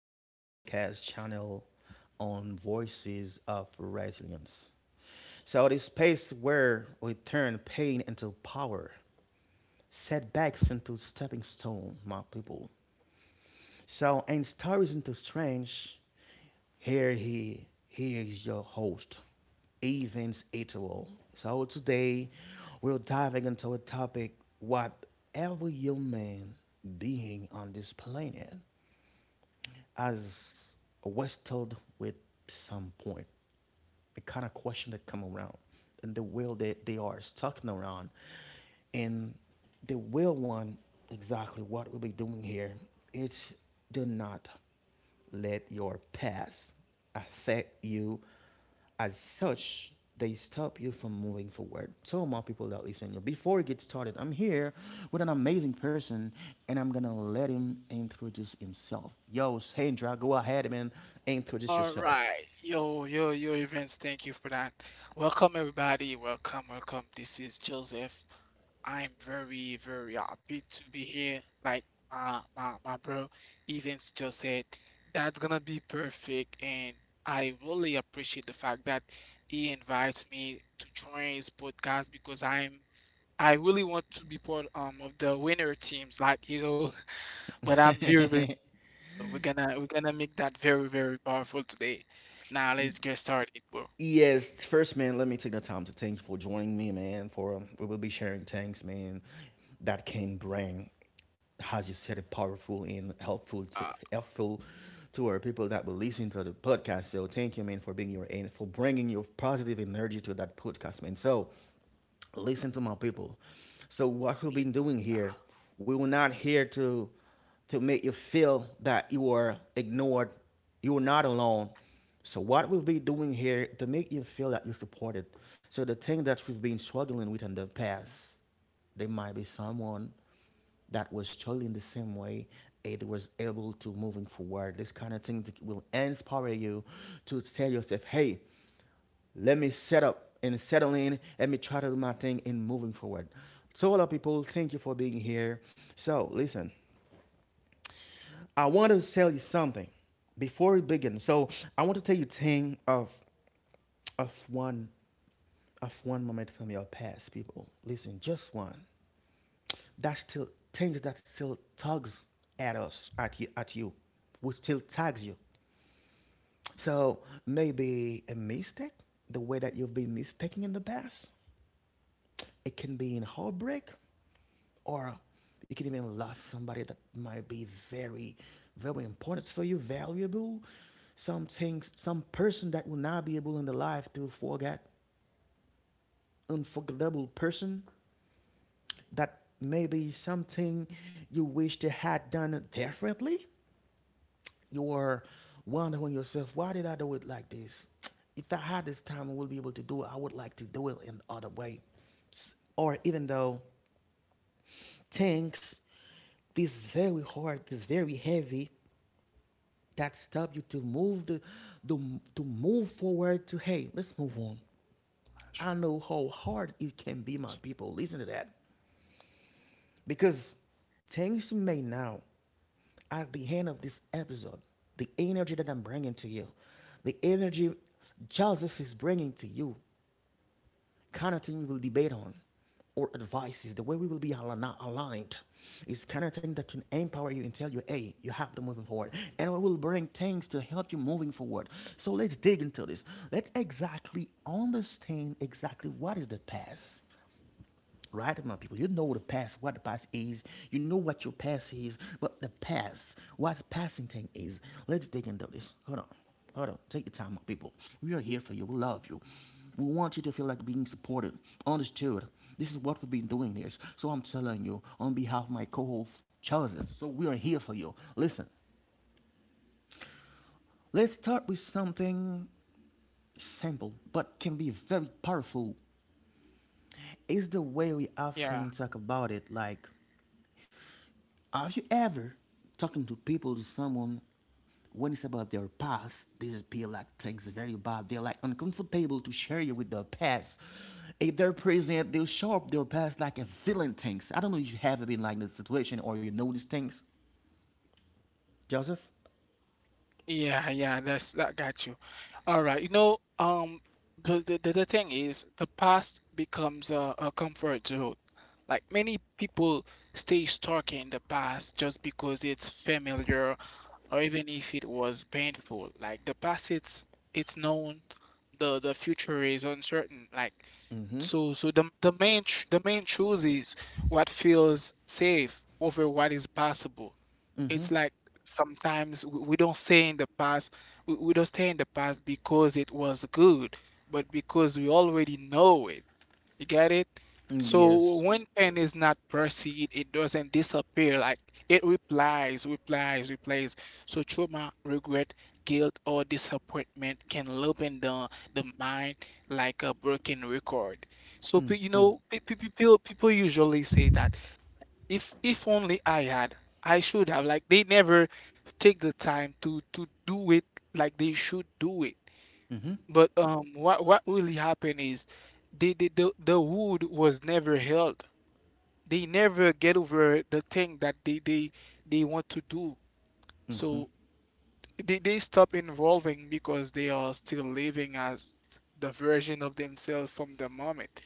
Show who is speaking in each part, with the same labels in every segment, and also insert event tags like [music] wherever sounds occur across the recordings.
Speaker 1: to our podcast channel on Voices of Resilience. So, the space where we turn pain into power, setbacks into stepping stone, my people. So in Stories into Strange, here is your host, Evans Ituel. So today we're diving into a topic what every human being on this planet has wrestled with some point, the kind of question that come around and the will that they are stuck around, and the will one, exactly what we'll be doing here. It's, do not let your past affect you as such, they stop you from moving forward. So my people that listen, before we get started, I'm here with an amazing person, and I'm gonna let him introduce himself. Yo Sandra, go ahead, man, introduce
Speaker 2: All
Speaker 1: yourself.
Speaker 2: right, yo, yo, yo, events. Thank you for that. Welcome, everybody. Welcome, welcome. This is Joseph. I'm very, very happy to be here. Like my bro, events just said, that's gonna be perfect, and I really appreciate the fact that he invites me to join his podcast because I really want to be part of the winner teams, like you know. [laughs] But I'm very, very
Speaker 1: [laughs]
Speaker 2: so we're gonna make that very, very powerful today. Now let's get started, bro.
Speaker 1: Yes, first, man, let me take the time to thank you for joining me, man. For we will be sharing things, man, that can bring, as you said, it powerful and helpful,
Speaker 2: Uh,
Speaker 1: helpful to our people that will listen to the podcast. So, thank you, man, for being your and for bringing your positive energy to that podcast, man. So. Listen to my people.
Speaker 2: y-
Speaker 1: So
Speaker 2: yeah,
Speaker 1: what we've been doing here, we were not here to make you feel that you are ignored, you are not alone. So what we'll be doing here to make you feel that you're supported. So the thing that we've been struggling with in the past, there might be someone that was struggling the same way, it was able to moving forward. This kind of thing will inspire you to tell yourself, hey, let me set up and settle in. Let me try to do my thing and moving forward. So, hello, people. Thank you for being here. So, listen, I want to tell you something before we begin. So, I want to tell you thing of one moment from your past, people. Listen, just one. That still Things that still tugs at us, at you, which still tags you. So maybe a mistake, the way that you've been mistaken in the past. It can be in heartbreak, or you can even lose somebody that might be very, very important for you, valuable. Some things, some person that will not be able in the life to forget, unforgettable person, that maybe something you wish they had done differently. You are wondering yourself, why did I do it like this? If I had this time, I would be able to do it. I would like to do it in other way, or even though things this very hard, this very heavy that stop you the to move forward to, hey, let's move on. I
Speaker 2: sh-
Speaker 1: know how hard it can be, my people. Listen to that, because things may now at the end of this episode, the energy that I'm bringing to you, the energy Joseph is bringing to you, kind of thing we will debate on or advices, the way we will be aligned is kind of thing that can empower you and tell you, hey, you have to move forward. And we will bring things to help you moving forward. So let's dig into this. Let's exactly understand exactly what is the past, right my people. You know the past, what the past is. You know what your past is, but the past, what passing thing is. Let's dig into this. Hold on. Hold on. Take your time, my people. We are here for you. We love you. We want you to feel like being supported, understood. This is what we've been doing here. So I'm telling you, on behalf of my co-host Chosen, so we are here for you. Listen, let's start with something simple but can be very powerful. It's the way we
Speaker 2: yeah,
Speaker 1: often talk about it, like have you ever talking to people to someone when it's about their past, they appear like things very bad. They're like uncomfortable to share you with their past. If they're present, they'll show up their past like a villain things. I don't know if you have been like this situation or you know these things. Joseph?
Speaker 2: yeah. That's that got you. All right. The thing is, the past becomes a comfort zone. Like many people stay stuck in the past just because it's familiar or even if it was painful. Like the past, it's known, the future is uncertain. Like
Speaker 1: Mm-hmm.
Speaker 2: so the main truth is what feels safe over what is possible. It's like sometimes we don't stay in the past. We don't stay in the past because it was good, but because we already know it. You get it? So
Speaker 1: Yes.
Speaker 2: when pen is not perceived, it doesn't disappear. Like it replies, replies, replies. So trauma, regret, guilt, or disappointment can loopen the mind like a broken record. So people usually say that if only I had, I should have. Like they never take the time to do it like they should do it. But what really happened is they the wood was never held. They never get over the thing that they want to do. So they stop involving because they are still living as the version of themselves from the moment.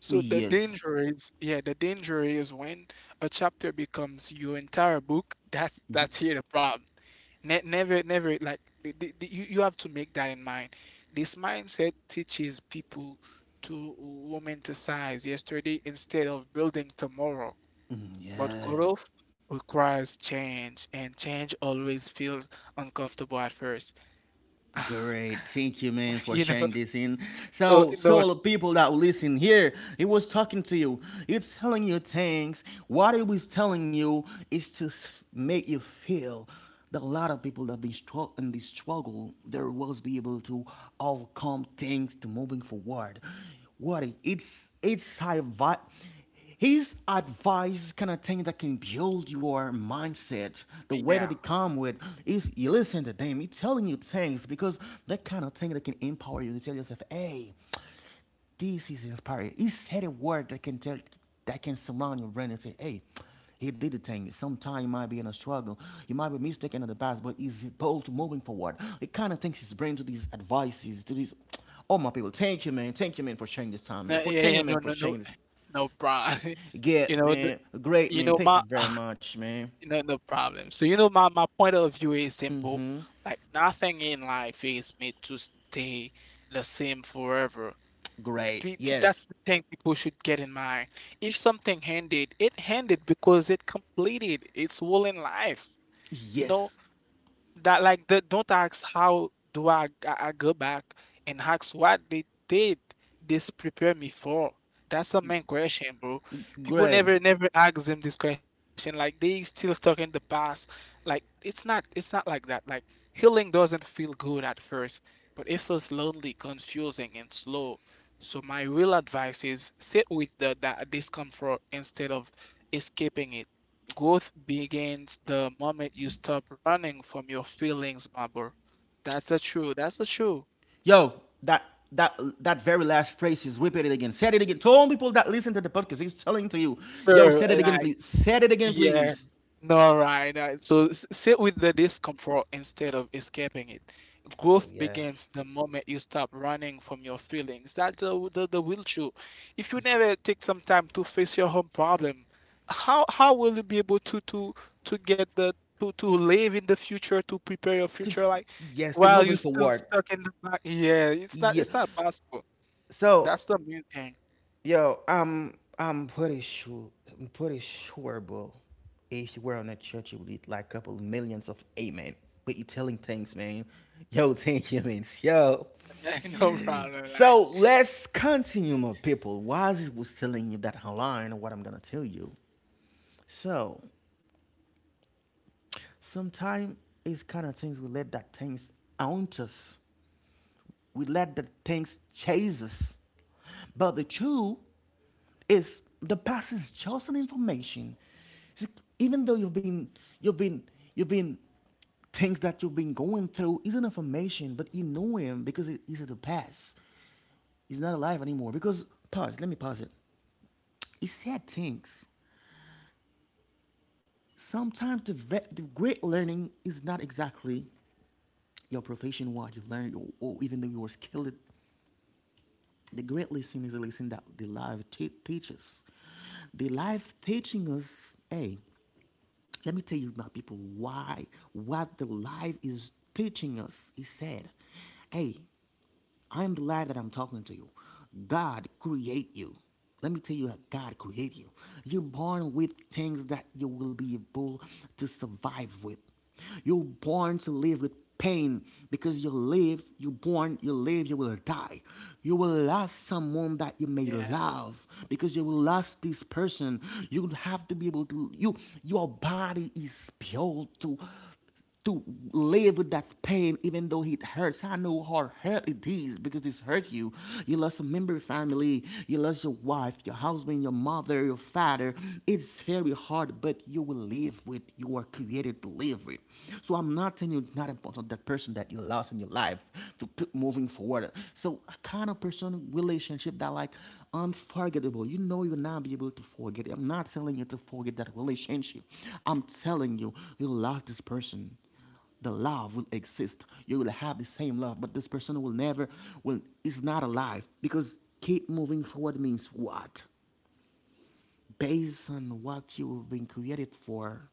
Speaker 2: So the
Speaker 1: Yes.
Speaker 2: danger is, yeah, the danger is when a chapter becomes your entire book. That's here the problem. Ne never, never like the- You have to make that in mind. This mindset teaches people to romanticize yesterday instead of building tomorrow.
Speaker 1: Mm,
Speaker 2: But
Speaker 1: yeah.
Speaker 2: growth requires change, and change always feels uncomfortable at first.
Speaker 1: Great,
Speaker 2: [laughs]
Speaker 1: thank you, man, for
Speaker 2: You know,
Speaker 1: sharing this in.
Speaker 2: so
Speaker 1: So, to
Speaker 2: no,
Speaker 1: all the people that will listen here, it was talking to you. It's telling you things. What it was telling you is make you feel that a lot of people that have been struck in this struggle, there was be able to overcome things to moving forward. What it's high vibe. His advice kind of thing that can build your mindset, the way
Speaker 2: yeah,
Speaker 1: that they come with is you listen to them. He's telling you things because that kind of thing that can empower you to tell yourself, hey, this is inspiring. He said a word that can tell, that can surround your brain and say, hey, he did the thing. Sometimes you might be in a struggle. You might be mistaken in the past, but he's bold moving forward. It kind of thinks his brain to these advices, to these. Oh my people, thank you, man. Thank you, man, for sharing this time, man.
Speaker 2: no,
Speaker 1: For
Speaker 2: yeah,
Speaker 1: thank you,
Speaker 2: yeah, no,
Speaker 1: man, for
Speaker 2: no, no,
Speaker 1: sharing this.
Speaker 2: no, problem. [laughs] You
Speaker 1: Get
Speaker 2: know, n-
Speaker 1: man, great
Speaker 2: you
Speaker 1: man.
Speaker 2: know
Speaker 1: Thank you
Speaker 2: my
Speaker 1: very much, man.
Speaker 2: you know No problem. So you know my point of view is simple. Like nothing in life is made to stay the same forever.
Speaker 1: Great.
Speaker 2: That's
Speaker 1: Yes.
Speaker 2: the thing people should get in mind. If something ended, it ended because it completed its whole in life. You know,
Speaker 1: Yes.
Speaker 2: that like the, don't ask how do I go back and ask what they did this prepare me for. That's the main question, bro. People
Speaker 1: Great.
Speaker 2: never ask them this question. Like they still stuck in the past. Like it's not like that. Like healing doesn't feel good at first, but it feels lonely, confusing, and slow. So my real advice is sit with the that discomfort instead of escaping it. Growth begins the moment you stop running from your feelings, my bro. That's the truth. That's the truth.
Speaker 1: Yo, that that that very last phrase is repeated again. Said it again. Told people that listen to the podcast, He's telling to you. Yo,
Speaker 2: Sure,
Speaker 1: said it again,
Speaker 2: like
Speaker 1: please. Said it again,
Speaker 2: Yeah.
Speaker 1: please.
Speaker 2: No, right. So s- Sit with the discomfort instead of escaping it.
Speaker 1: Oh
Speaker 2: Growth
Speaker 1: yeah.
Speaker 2: begins the moment you stop running from your feelings. That's the real truth. If you never take some time to face your own problem, how will you be able to get the to live in the future to prepare your
Speaker 1: To-
Speaker 2: future like
Speaker 1: Yes, to
Speaker 2: while you
Speaker 1: moving
Speaker 2: still
Speaker 1: forward.
Speaker 2: stuck in the back? Yeah, it's not
Speaker 1: Yeah.
Speaker 2: it's not possible.
Speaker 1: So
Speaker 2: That's the main thing.
Speaker 1: yo, I'm pretty sure, bro. If you were in a church, you would need like a couple millions of amen. But you telling things, man. Yo, [laughs] thank you, man. Yo.
Speaker 2: [laughs] Yeah, no problem.
Speaker 1: So
Speaker 2: Like
Speaker 1: let's continue, my people. While I was telling you that online, what I'm gonna tell you. So sometimes it's kind of things we let that things own us. We let the things chase us. But the truth is the past is just an information. See, even though you've been you've been things that you've been going through is an information, but you know him because it is the past. He's not alive anymore. Because pause, let me pause it. He said things. Sometimes the great learning is not exactly your profession, what you learned, or even though you were skilled. The great lesson is a lesson that the life teaches. The life teaching us, hey, let me tell you my people why what the life is teaching us he said, hey, I'm glad that I'm talking to you. God create you. Let me tell you how God created you. You're born with things that you will be able to survive with. You're born to live with pain because you live, you born, you live, you will die. You will lose someone that you may
Speaker 2: yeah,
Speaker 1: love because you will lose this person. You have to be able to you your body is built to live with that pain even though it hurts. I know how hurt it is because it's hurt you. You lost a member of your family, you lost your wife, your husband, your mother, your father. It's very hard, but you will live with, you are created to live with. So I'm not telling you it's not important, that person that you lost in your life, to put moving forward. So a kind of person relationship that like unforgettable. You know you'll not be able to forget it. I'm not telling you to forget that relationship. I'm telling you, you lost this person. The love will exist. You will have the same love, but this person will never, will is not alive because keep moving forward means what? Based on what you've been created for,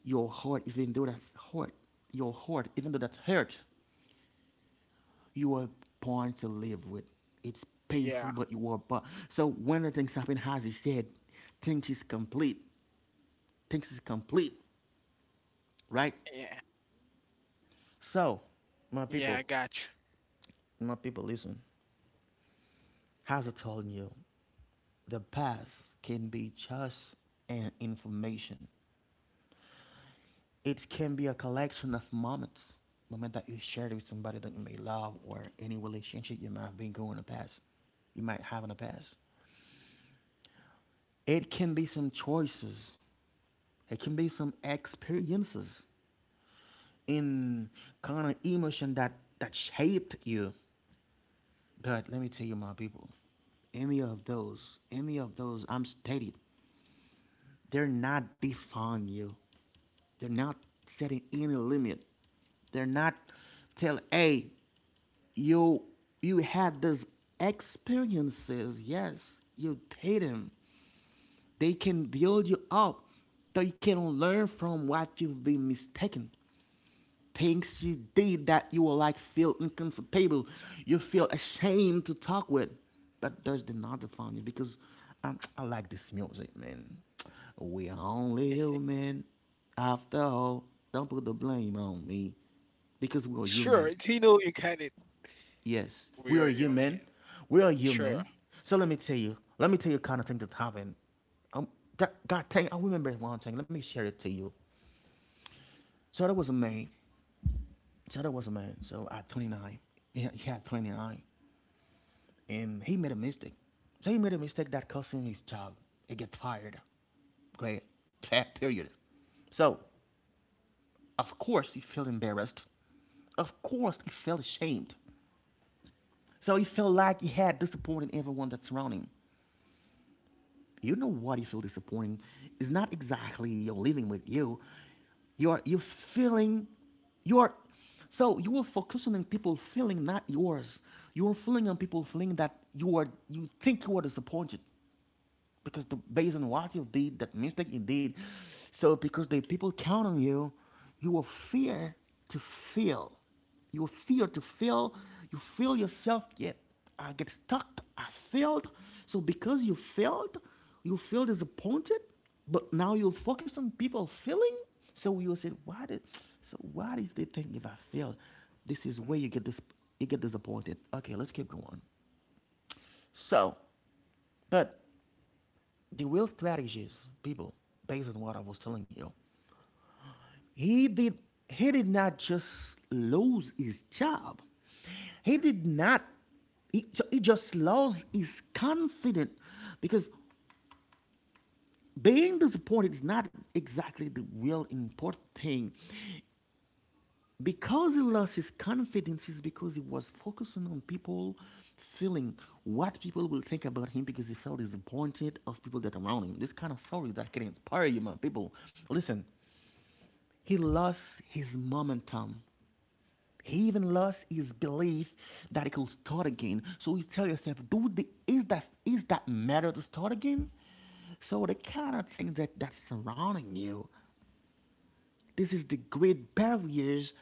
Speaker 1: your heart, even though that's hurt, your heart, even though that's hurt, you are born to live with.
Speaker 2: yeah,
Speaker 1: It's painful, but you are born. So when the things happen, as he said, things is complete. Things is complete,
Speaker 2: yeah,
Speaker 1: right? So,
Speaker 2: yeah. I got
Speaker 1: my
Speaker 2: you.
Speaker 1: people, my people, listen. As I told you, the past can be just an information. It can be a collection of moments, moment that you shared with somebody that you may love or any relationship you might have been going in the past, you might have in the past. It can be some choices, it can be some experiences in kind of emotion that shaped you. But let me tell you, my people, any of those, I'm stated, they're not defining you. They're not setting any limit. They're not tell, hey, you you had these experiences. Yes, you did them. They can build you up, so you can learn from what you've been mistaken. Things you did that you were like feel uncomfortable. You feel ashamed to talk with, but does did not define you because I like this music, man. We are only human, after all. Don't put the blame on me because we are
Speaker 2: Sure,
Speaker 1: human.
Speaker 2: you know you got it.
Speaker 1: Yes,
Speaker 2: We are
Speaker 1: we are
Speaker 2: your man.
Speaker 1: human. We are
Speaker 2: Sure.
Speaker 1: human. So let me tell you. Let me tell you kind of thing that happened. Um, that God thing. I remember one thing. Let me share it to you. So that was me. So that was a man. So at 29, he had 29, and he made a mistake. So he made a mistake that cost him his job. He get fired. Great. Fair Period. So, of course, he felt embarrassed. Of course, he felt ashamed. So he felt like he had disappointed everyone that's surrounding him. You know what you feel disappointed is not exactly you're living with you. You are you feeling you are so you are focusing on people feeling not yours. You are feeling on people feeling that you are you think you are disappointed because the, based on what you did, that mistake you did, so because the people count on you, you will fear to fail. You will fear to fail. You feel yourself yet, I get stuck. I failed. So because you failed, you feel disappointed. But now you focus on people failing. So you said, why did? So what if they think if I fail? This is where you get this. You get disappointed. Okay, let's keep going. So, but the real strategist people, based on what I was telling you, he did he did not just lose his job. He did not. He, he just lost his confidence because being disappointed is not exactly the real important thing. Because he lost his confidence is because he was focusing on people feeling what people will think about him because he felt disappointed of people that are around him. This kind of story that can inspire you, my people. Listen, he lost his momentum. He even lost his belief that he could start again. So you tell yourself, "Dude, the is that matter to start again? So the kind of things that that's surrounding you, this is the great barriers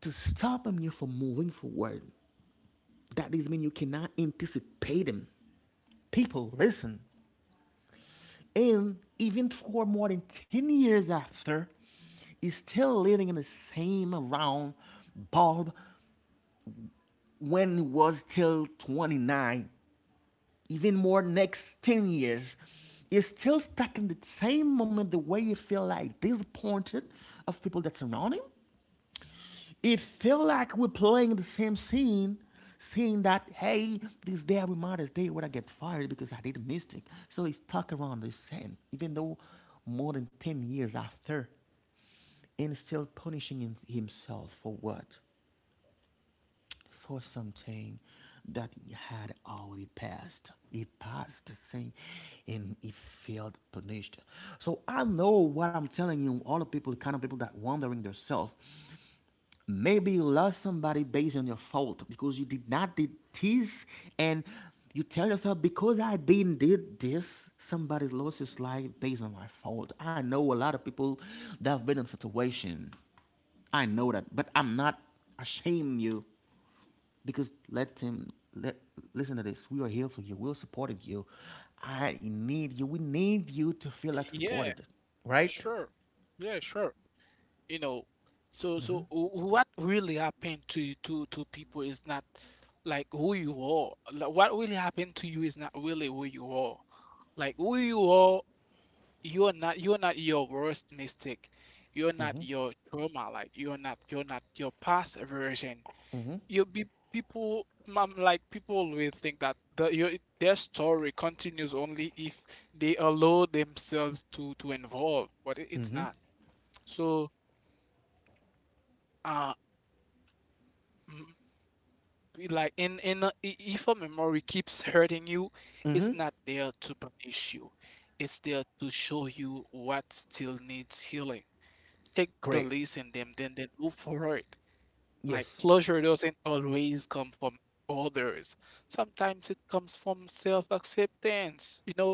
Speaker 1: to stopping you from moving forward. That is mean you cannot anticipate them. People, listen. And even for more than 10 years after, is still living in the same round, bulb. When he was till 29, even more next 10 years, is still stuck in the same moment the way you feel like disappointed of people that surround him. It feel like we're playing the same scene, seeing that, hey, this day I remember this day when I get fired because I did a mistake. So he's stuck around the same, even though more than 10 years after, and still punishing himself for what? For something that had already passed. It passed the same and it felt punished. So I know what I'm telling you, all the people, the kind of people that wondering themselves. Maybe you lost somebody based on your fault because you did not did this and you tell yourself because I didn't did this, somebody's lost his life based on my fault. I know a lot of people that have been in a situation. I know that, but I'm not ashamed you because let him let listen to this. We are here for you. We're supporting you. I need you. We need you to feel like
Speaker 2: Yeah,
Speaker 1: supported. Right?
Speaker 2: sure. Yeah, sure. You know, so what really happened to people is not like who you are. Like, what really happened to you is not really who you are. Like who you are, you're not your worst mistake. You're not your trauma. Like you're not your past version. You be people mom like People always think that the your their story continues only if they allow themselves to involve but it- it's
Speaker 1: Mm-hmm.
Speaker 2: not so uh m- be like in a, if a memory keeps hurting you, it's not
Speaker 1: Mm-hmm.
Speaker 2: there to punish you, it's there to show you what still needs healing. Take the
Speaker 1: Great.
Speaker 2: lesson them, then move forward. Like
Speaker 1: Yes.
Speaker 2: closure doesn't always come from others. Sometimes it comes from self-acceptance. You know,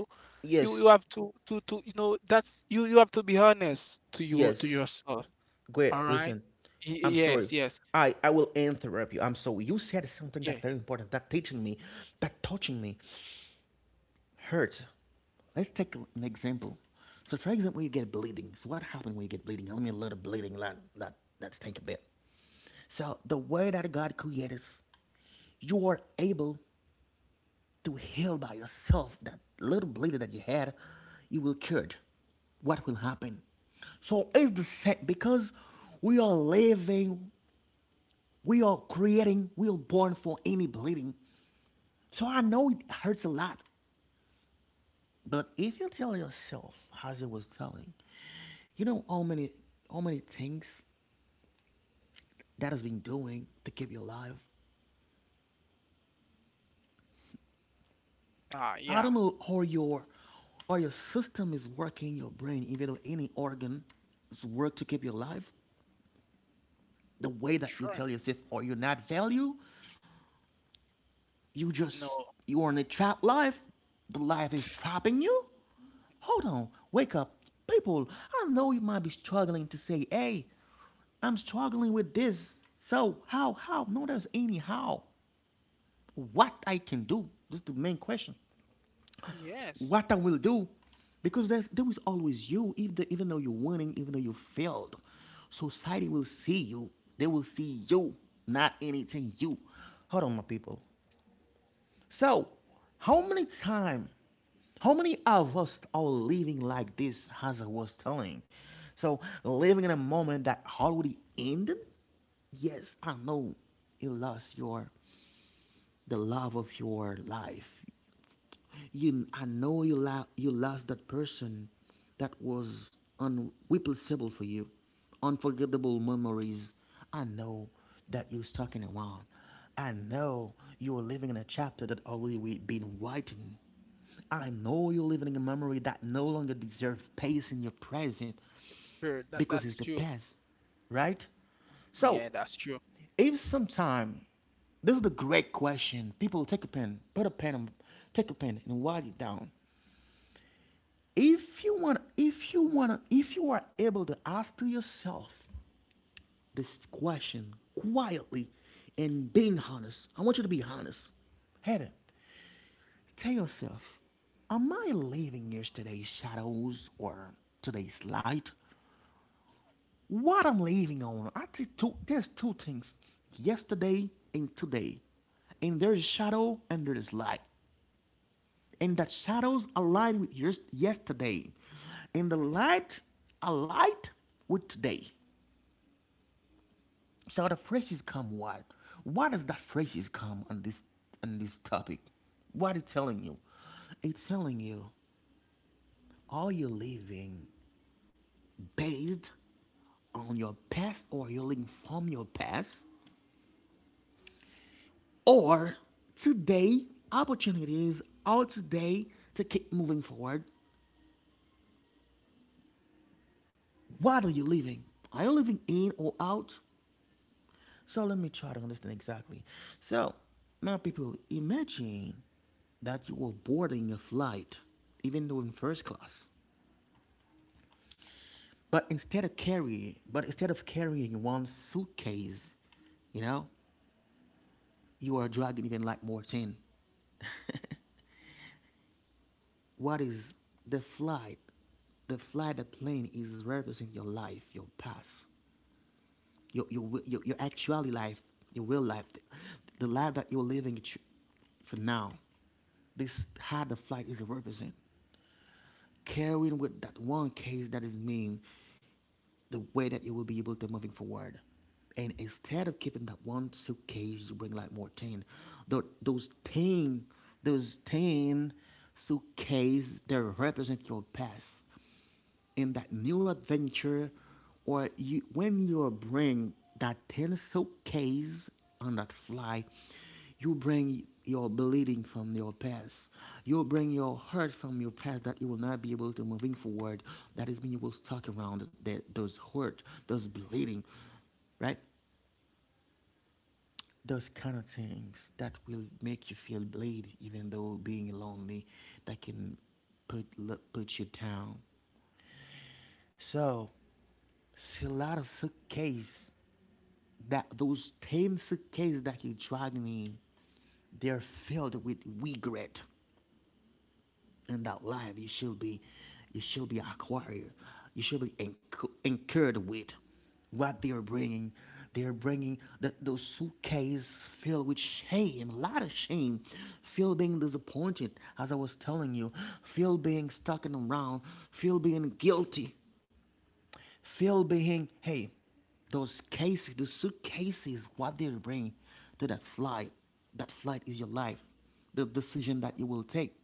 Speaker 2: you
Speaker 1: Yes.
Speaker 2: have to you know that's you you have to be honest to you to
Speaker 1: Yes.
Speaker 2: yourself. All
Speaker 1: Great.
Speaker 2: right?
Speaker 1: Listen. I'm
Speaker 2: Yes,
Speaker 1: sorry.
Speaker 2: yes.
Speaker 1: I will interrupt you. I'm sorry. You said something
Speaker 2: Yeah.
Speaker 1: that very important, that teaching me, that touching me, hurt. Let's take an example. So, for example, you get bleeding. So, what happened when you get bleeding? Let me let a little bleeding like that. That's think a bit. So the way that God created us, you are able to heal by yourself that little bleeding that you had, you will cure it. What will happen? So it's the same because we are living, we are creating, we are born for any bleeding. So I know it hurts a lot, but if you tell yourself, as I was telling, you know how many things that has been doing to keep you alive.
Speaker 2: Ah,
Speaker 1: I don't
Speaker 2: yeah.
Speaker 1: know how your system is working, your brain, even though any organ is work to keep you alive. The way that you
Speaker 2: Sure.
Speaker 1: tell yourself or you're not value, you
Speaker 2: No.
Speaker 1: just you are in a trapped life. The life is trapping you. Hold on, wake up, people. I know you might be struggling to say, "Hey, I'm struggling with this." So how how? No, there's any how. What I can do? This is the main question.
Speaker 2: Yes.
Speaker 1: What I will do, because there is always you, if even though you're winning, even though you failed. Society will see you. They will see you, not anything you. Hold on, my people. So, how many time, how many of us are living like this, as I was telling? So, living in a moment that already ended? Yes, I know you lost your the love of your life. You, I know you, lo- you lost that person that was unreplaceable for you, unforgettable memories. I know that you're stuck in around. I know you are living in a chapter that already we been writing. I know you're living in a memory that no longer deserves space in your present
Speaker 2: Sure. That
Speaker 1: because it's
Speaker 2: that's
Speaker 1: the
Speaker 2: true.
Speaker 1: past, right? So
Speaker 2: Yeah, that's true.
Speaker 1: if sometime, this is the great question. People take a pen, put a pen, take a pen and write it down. If you want, if you want, if you are able to ask to yourself this question quietly and being honest, I want you to be honest. Head tell yourself, am I living yesterday's shadows or today's light? What I'm leaving on, I think two, there's two things: yesterday and today. And there's shadow and there's light. And that shadows align with yours yesterday, and the light aligned with today. So the phrases come what? What does that phrases come on this topic? What it telling you? It's telling you are you living based on your past or you're living from your past? Or today opportunities. Is today to keep moving forward. What are you living? Are you living in or out? So let me try to understand exactly. So now people imagine that you were boarding a flight, even though in first class, but instead of carrying one suitcase, you know, you are dragging even like more tin. What is the flight? The flight, the plane is representing your life, your past, your actually life, your real life, the life that you're living for now. This how the flight is represent, carrying with that one case that is mean the way that you will be able to moving forward. And instead of keeping that one suitcase, you bring like more ten. Those ten, those ten suitcases they represent your past in that new adventure or you when you bring that pencil case on that fly. You bring your bleeding from your past. You bring your hurt from your past that you will not be able to moving forward. That is mean you will stuck around that those hurt, those bleeding, right? Those kind of things that will make you feel bleed even though being lonely, that can put put you down. So see, a lot of suitcase that those ten suitcase that you dragged me, they're filled with regret in that life. You should be acquired. You should be incu- incurred with what they are bringing. They are bringing the, those suitcases filled with shame, a lot of shame, feel being disappointed, as I was telling you, feel being stuck in around, feel being guilty. Feel being, hey, those cases, the suitcases, what they bring to that flight is your life, the decision that you will take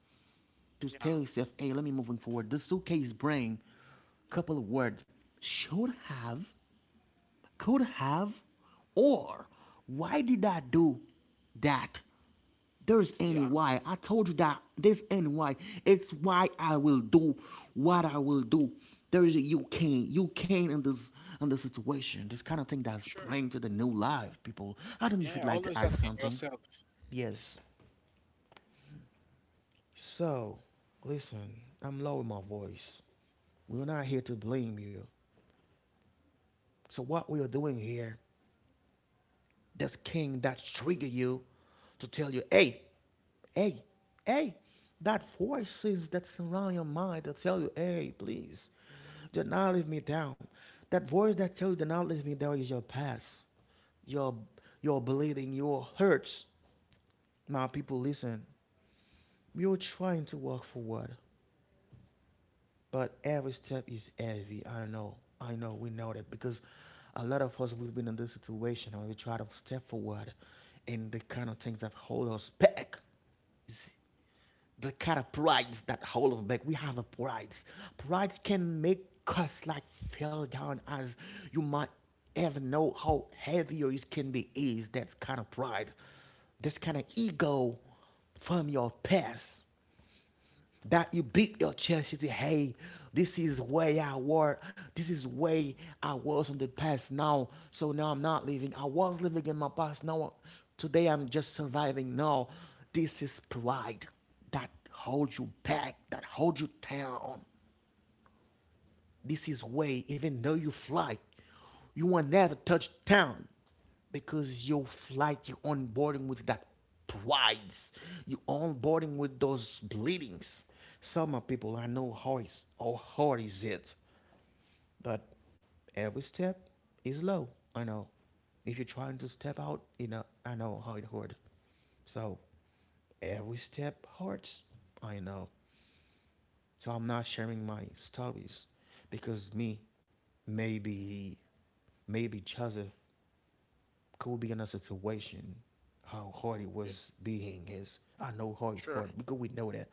Speaker 1: to
Speaker 2: Yeah.
Speaker 1: tell yourself, hey, let me moving forward. The suitcase bring couple of words should have, could have, or why did I do that? There's any
Speaker 2: Yeah.
Speaker 1: why. I told you that there's any why. It's why I will do what I will do. There is a you can in this situation. This kind of thing that's
Speaker 2: Sure.
Speaker 1: playing to the new life, people. I don't know if you'd
Speaker 2: Yeah,
Speaker 1: like to
Speaker 2: always
Speaker 1: add
Speaker 2: asking
Speaker 1: something.
Speaker 2: yourself.
Speaker 1: Yes. So, listen, I'm lowering my voice. We're not here to blame you. So what we are doing here that's king that trigger you to tell you, hey, hey, hey, that voices that surround your mind that tell you, hey, please, do not leave me down. That voice that tells you do not leave me down is your past, your your bleeding, your hurts. Now people listen. You're trying to walk forward. But every step is heavy. I know. I know. We know that because a lot of us we've been in this situation, and we try to step forward, and the kind of things that hold us back is the kind of pride that hold us back. We have a pride. Pride can make us like fell down as you might ever know how heavy your it can be. Is that kind of pride, this kind of ego from your past that you beat your chest. You say, hey, this is where I was. This is where I was in the past now. So now I'm not living. I was living in my past. Now, today I'm just surviving. No, this is pride that holds you back, that holds you down. This is way, even though you fly, you will never touch down because you flight, you are onboarding with that prides, you are onboarding with those bleedings. Some people I know how is how hard is it, but every step is low. I know. If you're trying to step out, you know I know how it hurt. So every step hurts. I know. So I'm not sharing my stories because me, maybe, maybe Joseph could be in a situation how hard it
Speaker 2: Yeah.
Speaker 1: was being is. I know hard is
Speaker 2: Sure.
Speaker 1: hard because we know that.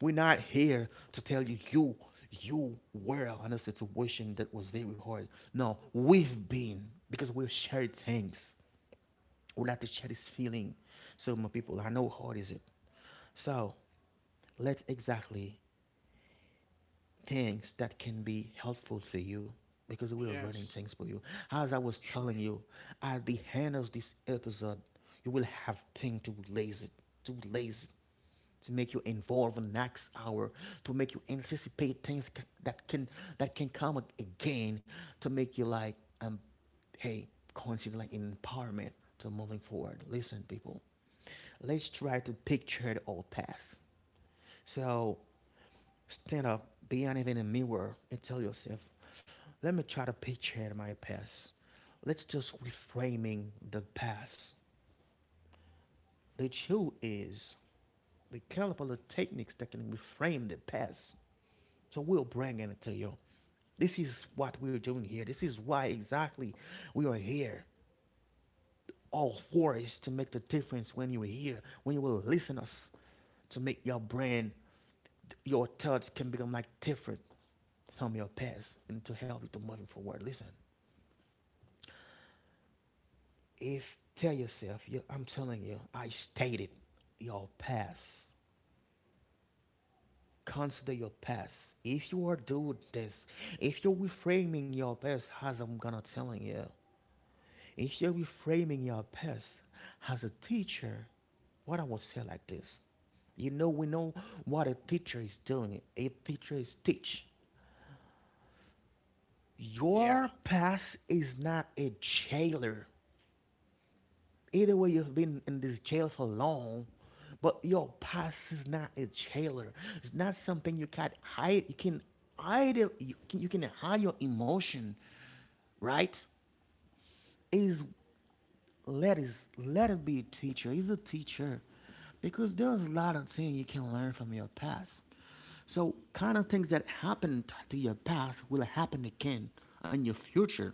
Speaker 1: We're not here to tell you were in a situation that was very hard. No, we've been because we share things. We like to share this feeling. So my people, I know how hard is it. So let's exactly things that can be helpful to you because we are running
Speaker 2: Yes.
Speaker 1: things for you. As I was
Speaker 2: Sure.
Speaker 1: telling you, at the end of this episode, you will have things to release it, to make you involved in the next hour, to make you anticipate things that can that can come again, to make you like um, hey, consider like empowerment to moving forward. Listen, people, let's try to picture our past. So stand up, be anything in a mirror, and tell yourself, let me try to picture my past. Let's just reframing the past. The truth is, the caliber techniques that can reframe the past. So we'll bring it to you. This is what we're doing here. This is why exactly we are here. All for is to make the difference when you hear, when you will listen us, to make your brain, your thoughts can become like different from your past and to help you to moving forward. Listen, if tell yourself, you, I'm telling you, I stated your past. Consider your past. If you are doing this, if you're reframing your past as I'm gonna telling you, if you're framing your past as a teacher, what I would say like this. You know, we know what a teacher is doing. A teacher is teach. Your
Speaker 2: Yeah.
Speaker 1: past is not a jailer. Either way, you've been in this jail for long, but your past is not a jailer. It's not something you can hide. You can hide. You can hide your emotion, right? Is is let it be a teacher. He's a teacher because there's a lot of things you can learn from your past. So kind of things that happened to your past will happen again in your future.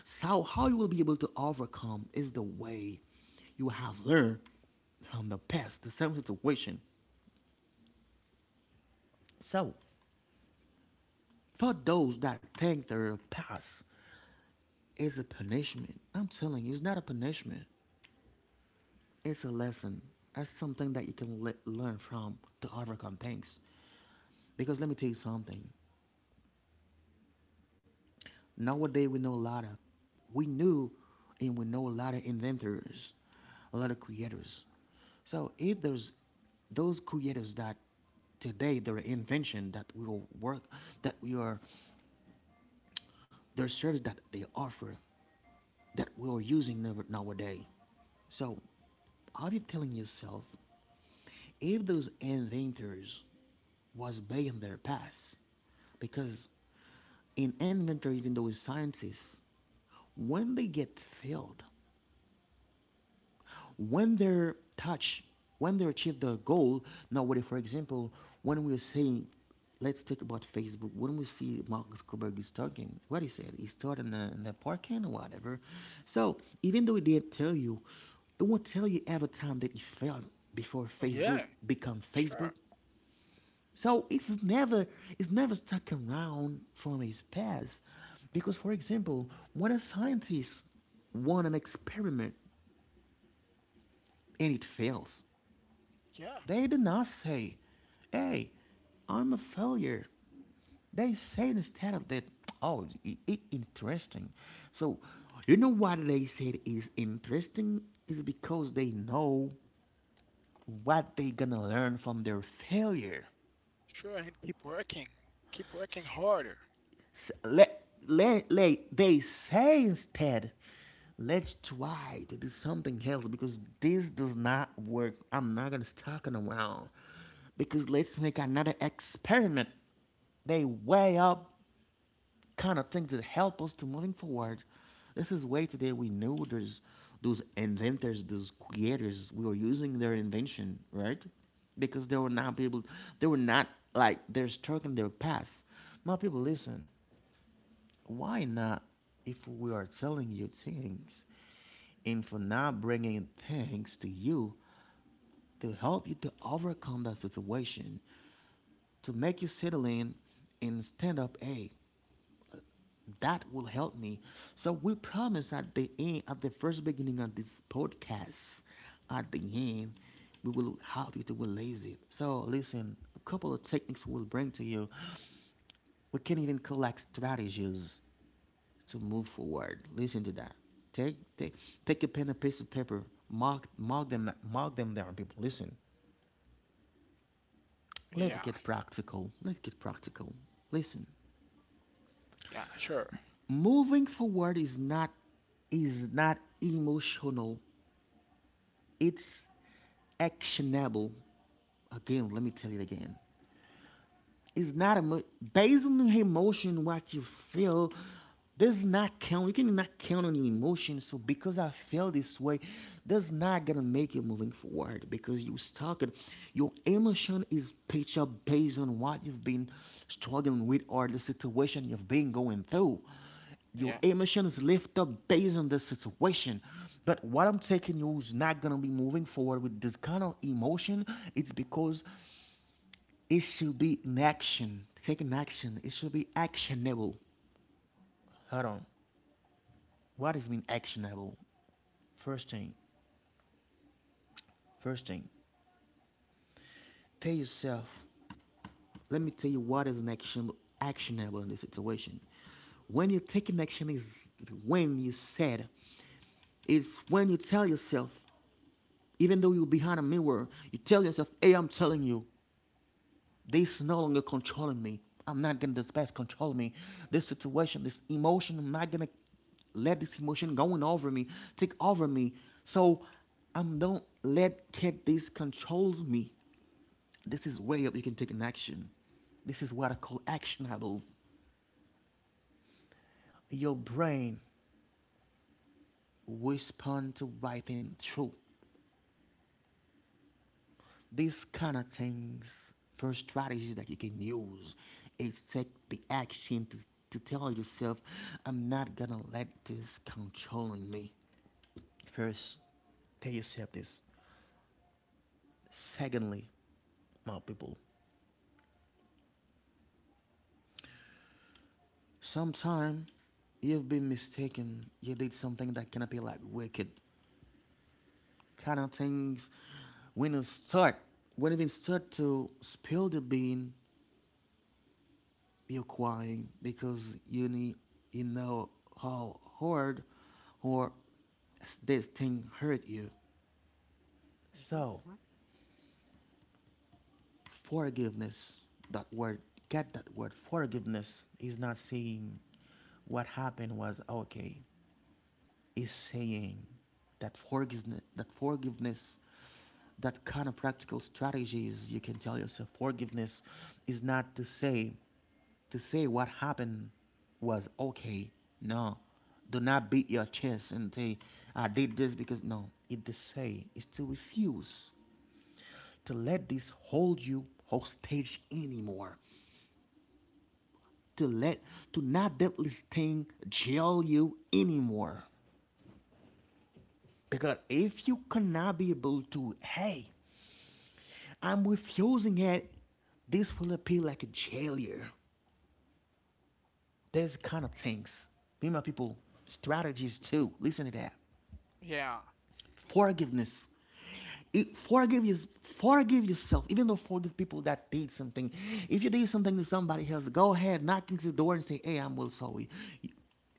Speaker 1: So how you will be able to overcome is the way you have learned from the past, the same situation. So for those that think their past is a punishment, I'm telling you, it's not a punishment. It's a lesson. That's something that you can learn from to overcome things. Because let me tell you something. Nowadays we know a lot of, we knew, and we know a lot of inventors, a lot of creators. So if there's those creators that today their invention that will work, that we are, their service that they offer, that we are using nowadays. So, are you telling yourself if those inventors was back in their past? Because an inventor, even though is scientist, when they get failed, when they're touch when they achieve the goal. Now what if, for example, when we're saying let's talk about Facebook, when we see Mark Zuckerberg is talking, what he said, he started in the parking or whatever. So even though he didn't tell you, it won't tell you every time that he failed before Facebook
Speaker 2: Yeah.
Speaker 1: become Facebook.
Speaker 2: Sure.
Speaker 1: So if it's never stuck around from his past. Because for example, when a scientist want an experiment and it fails,
Speaker 2: Yeah.
Speaker 1: they did not say, hey, I'm a failure. They say instead of that, oh, interesting. So, you know why they said is interesting? Is because they know what they gonna learn from their failure.
Speaker 2: Sure, and keep working. Keep working harder.
Speaker 1: S- le- le- they say instead, let's try to do something else because this does not work. I'm not gonna stuck in a while because let's make another experiment. They weigh up kind of things that help us to moving forward. This is way today we know there's those inventors, those creators, we were using their invention, right? Because they were not people, they were not like they're stuck in their past. My people, listen. Why not if we are telling you things and for not bringing things to you to help you to overcome that situation, to make you settle in and stand up? Hey, that will help me. So we promise at the end, at the first beginning of this podcast, at the end, we will help you to release it. So listen, a couple of techniques we'll bring to you. We can even collect strategies to move forward. Listen to that. Take take take a pen and piece of paper. Mark them down, people. Listen. Let's
Speaker 2: Yeah,
Speaker 1: get practical. Let's get practical. Listen.
Speaker 2: yeah, sure.
Speaker 1: Moving forward is not emotional. It's actionable. Again, let me tell you again. Is not emo- basing on the emotion what you feel does not count. You cannot count on your emotion. So because I feel this way, that's not gonna make you moving forward because you stuck it. Your emotion is pitched up based on what you've been struggling with or the situation you've been going through. Your
Speaker 2: Yeah.
Speaker 1: emotion is lift up based on the situation. But what I'm taking you is not gonna be moving forward with this kind of emotion. It's because it should be an action. Take an action. It should be actionable. Hold on. What does mean actionable? First thing, first thing, tell yourself. Let me tell you what is an action actionable in this situation. When you take an action is when you said. It's when you tell yourself, even though you're behind a mirror, you tell yourself, "Hey, I'm telling you, this is no longer controlling me. I'm not gonna let this past control me. This situation, this emotion, I'm not gonna let this emotion going over me, take over me. So I'm don't let get this controls me. This is way up you can take an action. This is what I call actionable." Your brain respond to right and true. These kind of things, first strategies that you can use is take the action to tell yourself, I'm not gonna let this controlling me. First, tell yourself this. Secondly, my people, sometime you've been mistaken. You did something that cannot be like wicked kind of things. When you start, when you even start to spill the bean, you're crying because you need you know how hard or this thing hurt you.
Speaker 2: Hmm,
Speaker 1: So
Speaker 2: hmm.
Speaker 1: forgiveness that word get that word forgiveness is not saying what happened was okay. Is saying that forgiveness, that kind of practical strategies you can tell yourself forgiveness is not to say what happened was okay. No, do not beat your chest and say, I did this because no, it to say is to refuse to let this hold you hostage anymore. To let to not let this thing jail you anymore. Because if you cannot be able to, hey, I'm refusing it, this will appear like a failure. There's kind of things. Be my people, strategies too. Listen to that.
Speaker 2: Yeah,
Speaker 1: Forgiveness. Forgive is forgive yourself. Even though forgive people that did something. If you did something to somebody else, go ahead, knock into the door and say, "Hey, I'm well sorry."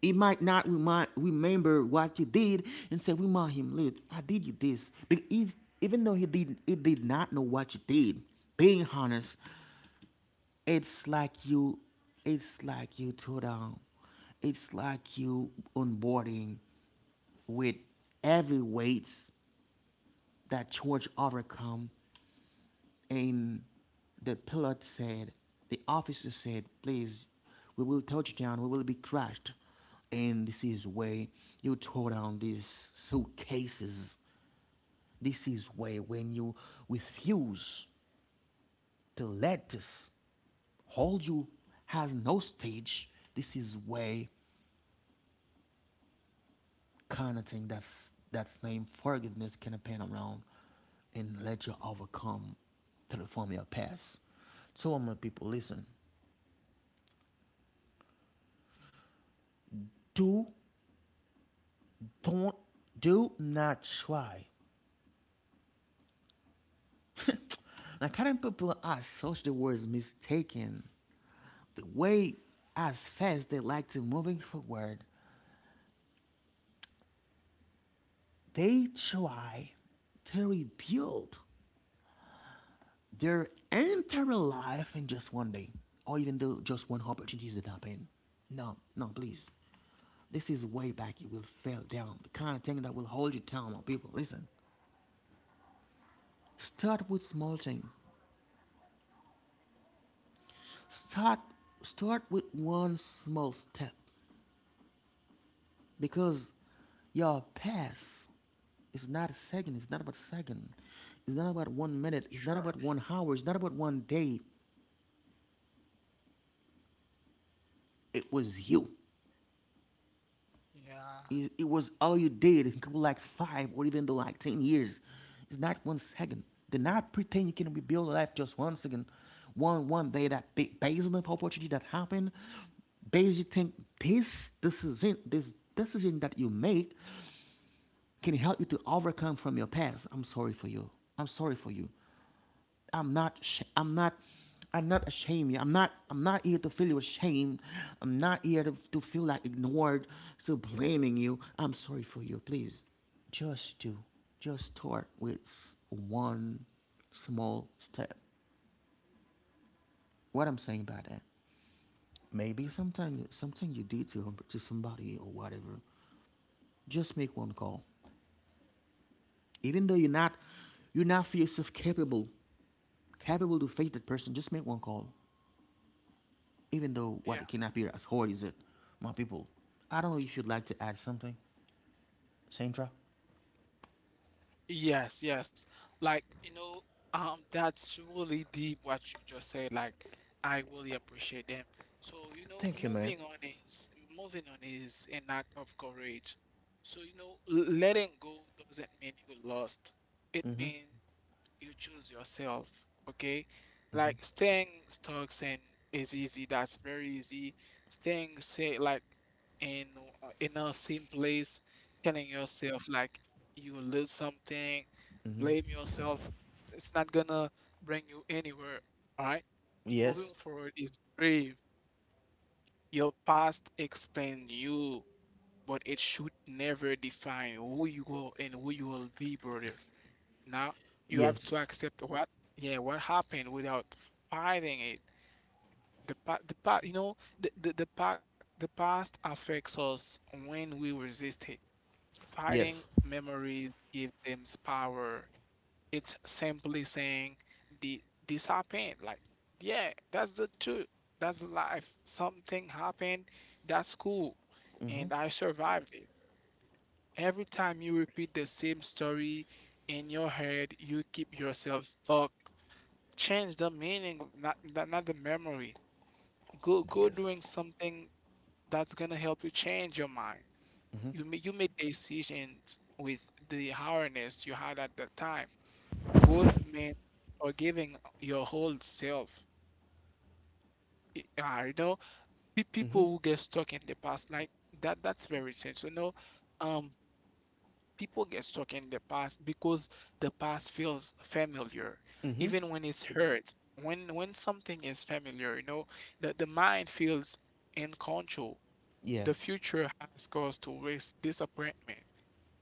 Speaker 1: He might not remember what you did and say, "Remind him, look, I did you this." But if even though he did not know what you did. Being honest, it's like you, it's like you took down it's like you onboarding with heavy weights that George overcome and the pilot said, the officer said, please, we will touch down, we will be crashed. And this is where you throw down these suitcases. This is where when you refuse to let us hold you has no stage. This is where kind of thing that's named forgiveness can pan around and let you overcome to the form of your past. So I'm gonna people listen. Do don't do not try. [laughs] Now current people associate the words mistaken. The way as fast they like to moving forward, they try to rebuild their entire life in just one day, or even though just one opportunity that happen. No, no, please. This is way back. You will fail down. The kind of thing that will hold you down, my people. Listen, start with small thing. Start, start with one small step, because your past is not a second. It's not about second. It's not about one minute. It's
Speaker 2: sure.
Speaker 1: not about one hour. It's not about one day. It was you.
Speaker 2: Yeah,
Speaker 1: It was all you did in couple like five or even though like 10 years. It's not one second. Do not pretend you can rebuild life just one second, one day. That based on the opportunity that happened, based you think this decision that you make can help you to overcome from your past. I'm sorry for you. I'm sorry for you. I'm not I'm not I'm not ashamed. You. I'm not here to feel you ashamed. I'm not here to feel like ignored, so blaming you. I'm sorry for you, please. Just do. Just start with one small step. What I'm saying by that. Maybe sometimes. Something you did to somebody or whatever. Just make one call. Even though you're not feel yourself capable capable to face that person, just make one call. Even though what it
Speaker 2: yeah.
Speaker 1: cannot be as hard as it, my people. I don't know if you'd like to add something, Sandra.
Speaker 2: Yes, yes. Like, you know, that's really deep what you just said. Like, I really appreciate them. So, you know,
Speaker 1: Thank you, man.
Speaker 2: moving on is an act of courage. So, you know, letting go doesn't mean you lost. It
Speaker 1: Mm-hmm.
Speaker 2: means you choose yourself, okay. Like staying stuck and is easy, that's very easy. Staying say like in in a same place, telling yourself like you lose something,
Speaker 1: Mm-hmm.
Speaker 2: blame yourself, it's not gonna bring you anywhere, all right.
Speaker 1: Yes.
Speaker 2: Moving forward is brave. Your past explain you, but it should never define who you are and who you will be, brother. Now you have to
Speaker 1: Yes.
Speaker 2: accept yeah, what happened without fighting it. The pa you know, the pa the past affects us when we resist it. Fighting
Speaker 1: Yes.
Speaker 2: memories give them power. It's simply saying the this happened. Like, yeah, that's the truth. That's life. Something happened. That's cool.
Speaker 1: Mm-hmm.
Speaker 2: And I survived it. Every time you repeat the same story in your head, you keep yourself stuck. Change the meaning, not the memory. Go
Speaker 1: Yes.
Speaker 2: doing something that's gonna help you change your mind.
Speaker 1: Mm-hmm.
Speaker 2: You made decisions with the awareness you had at the time. Growth means forgiving your whole self. Y- Uh, you know, People who
Speaker 1: Mm-hmm.
Speaker 2: get stuck in the past like that. That's very sad. So no, um, people get stuck in the past because the past feels familiar,
Speaker 1: Mm-hmm.
Speaker 2: even when it's hurt. When something is familiar, you know, the mind feels in control.
Speaker 1: Yeah.
Speaker 2: The future has caused to risk disappointment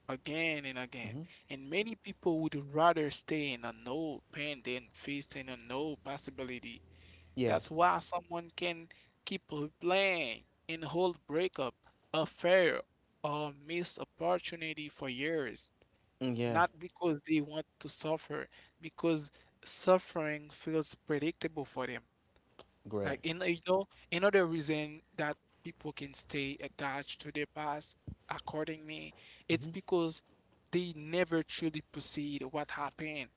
Speaker 2: again and again.
Speaker 1: Mm-hmm.
Speaker 2: And many people would rather stay in a no pain than facing a no possibility.
Speaker 1: Yeah.
Speaker 2: That's why someone can keep replaying and hold breakup, affair, or missed opportunity for years,
Speaker 1: Mm, yeah.
Speaker 2: not because they want to suffer, because suffering feels predictable for them.
Speaker 1: Great.
Speaker 2: Like in you know, another reason that people can stay attached to their past, according me, it's
Speaker 1: Mm-hmm.
Speaker 2: because they never truly proceed what happened.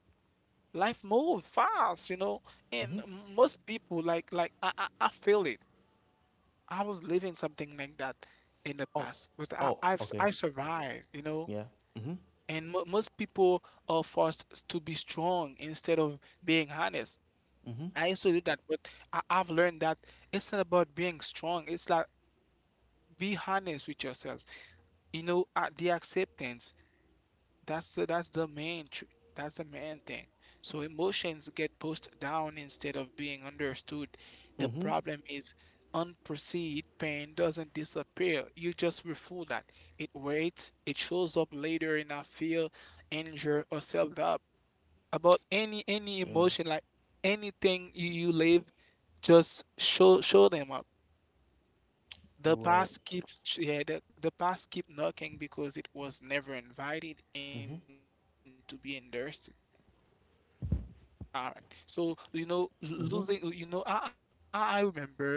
Speaker 2: Life moves fast, you know, and
Speaker 1: Mm-hmm.
Speaker 2: most people like I feel it. I was living something like that in the
Speaker 1: Oh.
Speaker 2: past, but
Speaker 1: Oh. Okay.
Speaker 2: I survived, you know.
Speaker 1: Yeah. Mm-hmm.
Speaker 2: And mo most people are forced to be strong instead of being honest.
Speaker 1: Mm-hmm.
Speaker 2: I used to do that, but I've learned that it's not about being strong. It's like be honest with yourself. You know, the acceptance. That's the main tr that's the main thing. So emotions get pushed down instead of being understood. The
Speaker 1: Mm-hmm.
Speaker 2: problem is unperceived pain doesn't disappear. You just refool that. It waits. It shows up later in a fear, anger, or self-doubt about any
Speaker 1: Yeah.
Speaker 2: emotion, like anything you live, just show them up. The
Speaker 1: Wait.
Speaker 2: past keeps ch- yeah, the past keep knocking because it was never invited
Speaker 1: Mm-hmm.
Speaker 2: in to be endorsed. All right. So, you know,
Speaker 1: Mm-hmm.
Speaker 2: losing, you know, I remember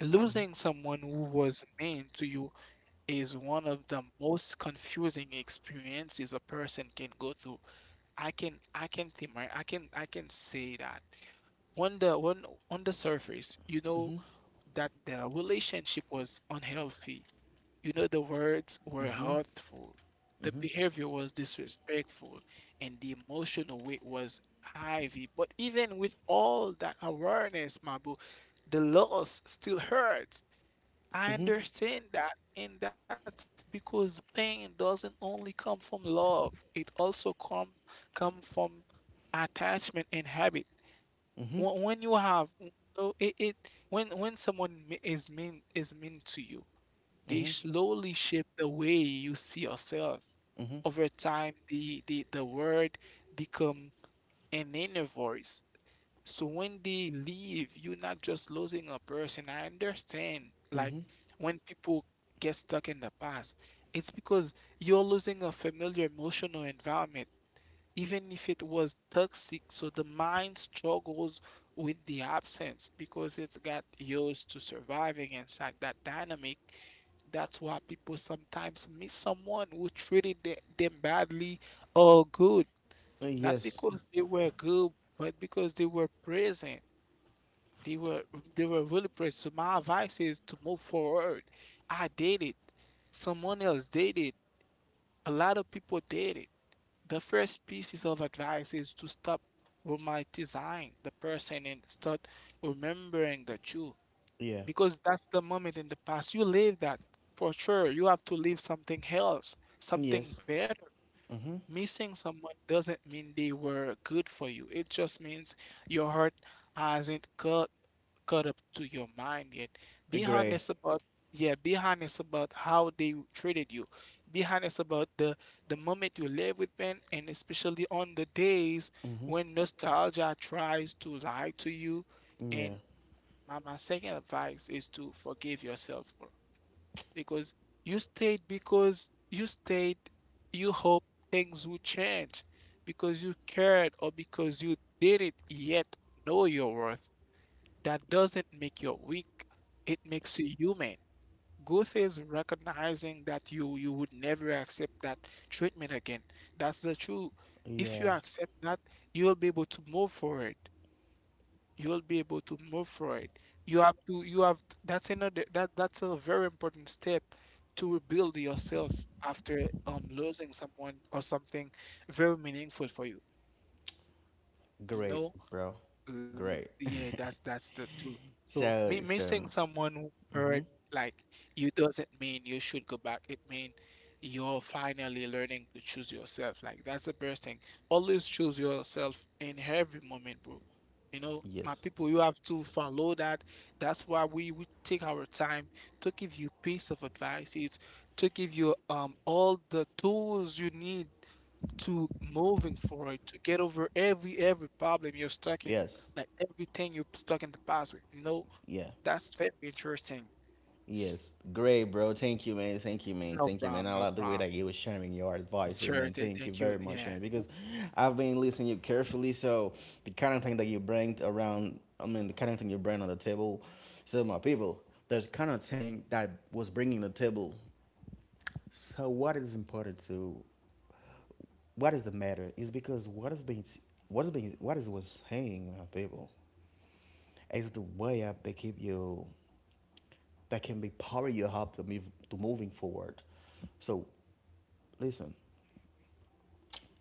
Speaker 2: losing someone who was mean to you is one of the most confusing experiences a person can go through. I can think right. I can say that on the on on the surface, you know that the relationship was unhealthy. You know the words were
Speaker 1: Mm-hmm.
Speaker 2: hurtful, the
Speaker 1: Mm-hmm.
Speaker 2: behavior was disrespectful, and the emotional weight was heavy. But even with all that awareness, my boo, the loss still hurts. I
Speaker 1: Mm-hmm.
Speaker 2: understand that, and that's because pain doesn't only come from love. It also come from attachment and habit.
Speaker 1: Mm-hmm.
Speaker 2: When you have, so it when someone is mean to you, they
Speaker 1: Mm-hmm.
Speaker 2: slowly shape the way you see yourself.
Speaker 1: Mm-hmm.
Speaker 2: Over time, the word become an inner voice. So when they leave, you're not just losing a person. I understand. Like
Speaker 1: Mm-hmm.
Speaker 2: when people get stuck in the past, it's because you're losing a familiar emotional environment, even if it was toxic. So the mind struggles with the absence because it's got used to surviving inside that dynamic. That's why people sometimes miss someone who treated them badly or good, not
Speaker 1: Yes.
Speaker 2: because they were good, but because they were present. They were they were really brave. So my advice is to move forward. I did it. Someone else did it. A lot of people did it. The first pieces of advice is to stop romanticizing the person and start remembering the truth
Speaker 1: Yeah.
Speaker 2: because that's the moment in the past. You live that for sure. You have to live something else, something
Speaker 1: Yes.
Speaker 2: better.
Speaker 1: Mhm.
Speaker 2: Missing someone doesn't mean they were good for you. It just means your heart hasn't cut caught up to your mind yet. Be
Speaker 1: Great.
Speaker 2: honest about yeah, be honest about how they treated you. Be honest about the moment you live with pain and especially on the days
Speaker 1: Mhm.
Speaker 2: when nostalgia tries to lie to you.
Speaker 1: Yeah.
Speaker 2: And my second advice is to forgive yourself more because you stayed, you hope things will change because you cared or because you didn't yet know your worth. That doesn't make you weak, it makes you human. Growth is recognizing that you would never accept that treatment again. That's the truth. If you
Speaker 1: Yeah.
Speaker 2: accept that, you'll be able to move forward you will be able to move forward. You have to, you have, that's another, that that's a very important step to rebuild yourself after losing someone or something very meaningful for you. You
Speaker 1: Great,
Speaker 2: know,
Speaker 1: bro. Great.
Speaker 2: yeah, that's the two. So
Speaker 1: [laughs]
Speaker 2: me
Speaker 1: So
Speaker 2: missing
Speaker 1: it's.
Speaker 2: someone who hurt
Speaker 1: Mhm.
Speaker 2: like you doesn't mean you should go back. It means you're finally learning to choose yourself. Like that's the best thing. Always choose yourself in every moment, bro. You know, my
Speaker 1: Yes.
Speaker 2: people, you have to follow that. That's why we take our time to give you piece of advice. It's to give you all the tools you need to moving forward, to get over every problem you're stuck in,
Speaker 1: Yes.
Speaker 2: like everything you're stuck in the past with. You know,
Speaker 1: Yeah.
Speaker 2: that's very interesting.
Speaker 1: Yes. Great, bro. Thank you, man. Thank you, man.
Speaker 2: No
Speaker 1: Thank you, man.
Speaker 2: problem,
Speaker 1: I
Speaker 2: no
Speaker 1: like the way
Speaker 2: problem.
Speaker 1: that you were sharing your advices,
Speaker 2: Sure,
Speaker 1: man. Thank you
Speaker 2: thank you.
Speaker 1: very much,
Speaker 2: Yeah,
Speaker 1: man. Because I've been listening you carefully. So the kind of thing that you bring around, I mean, the kind of thing you bring on the table. So my people, there's kind of thing that was bringing the table. So what is important to what is the matter is because what is being what is what's hanging on people is the way up they keep you that can be power you up to move to moving forward. So listen,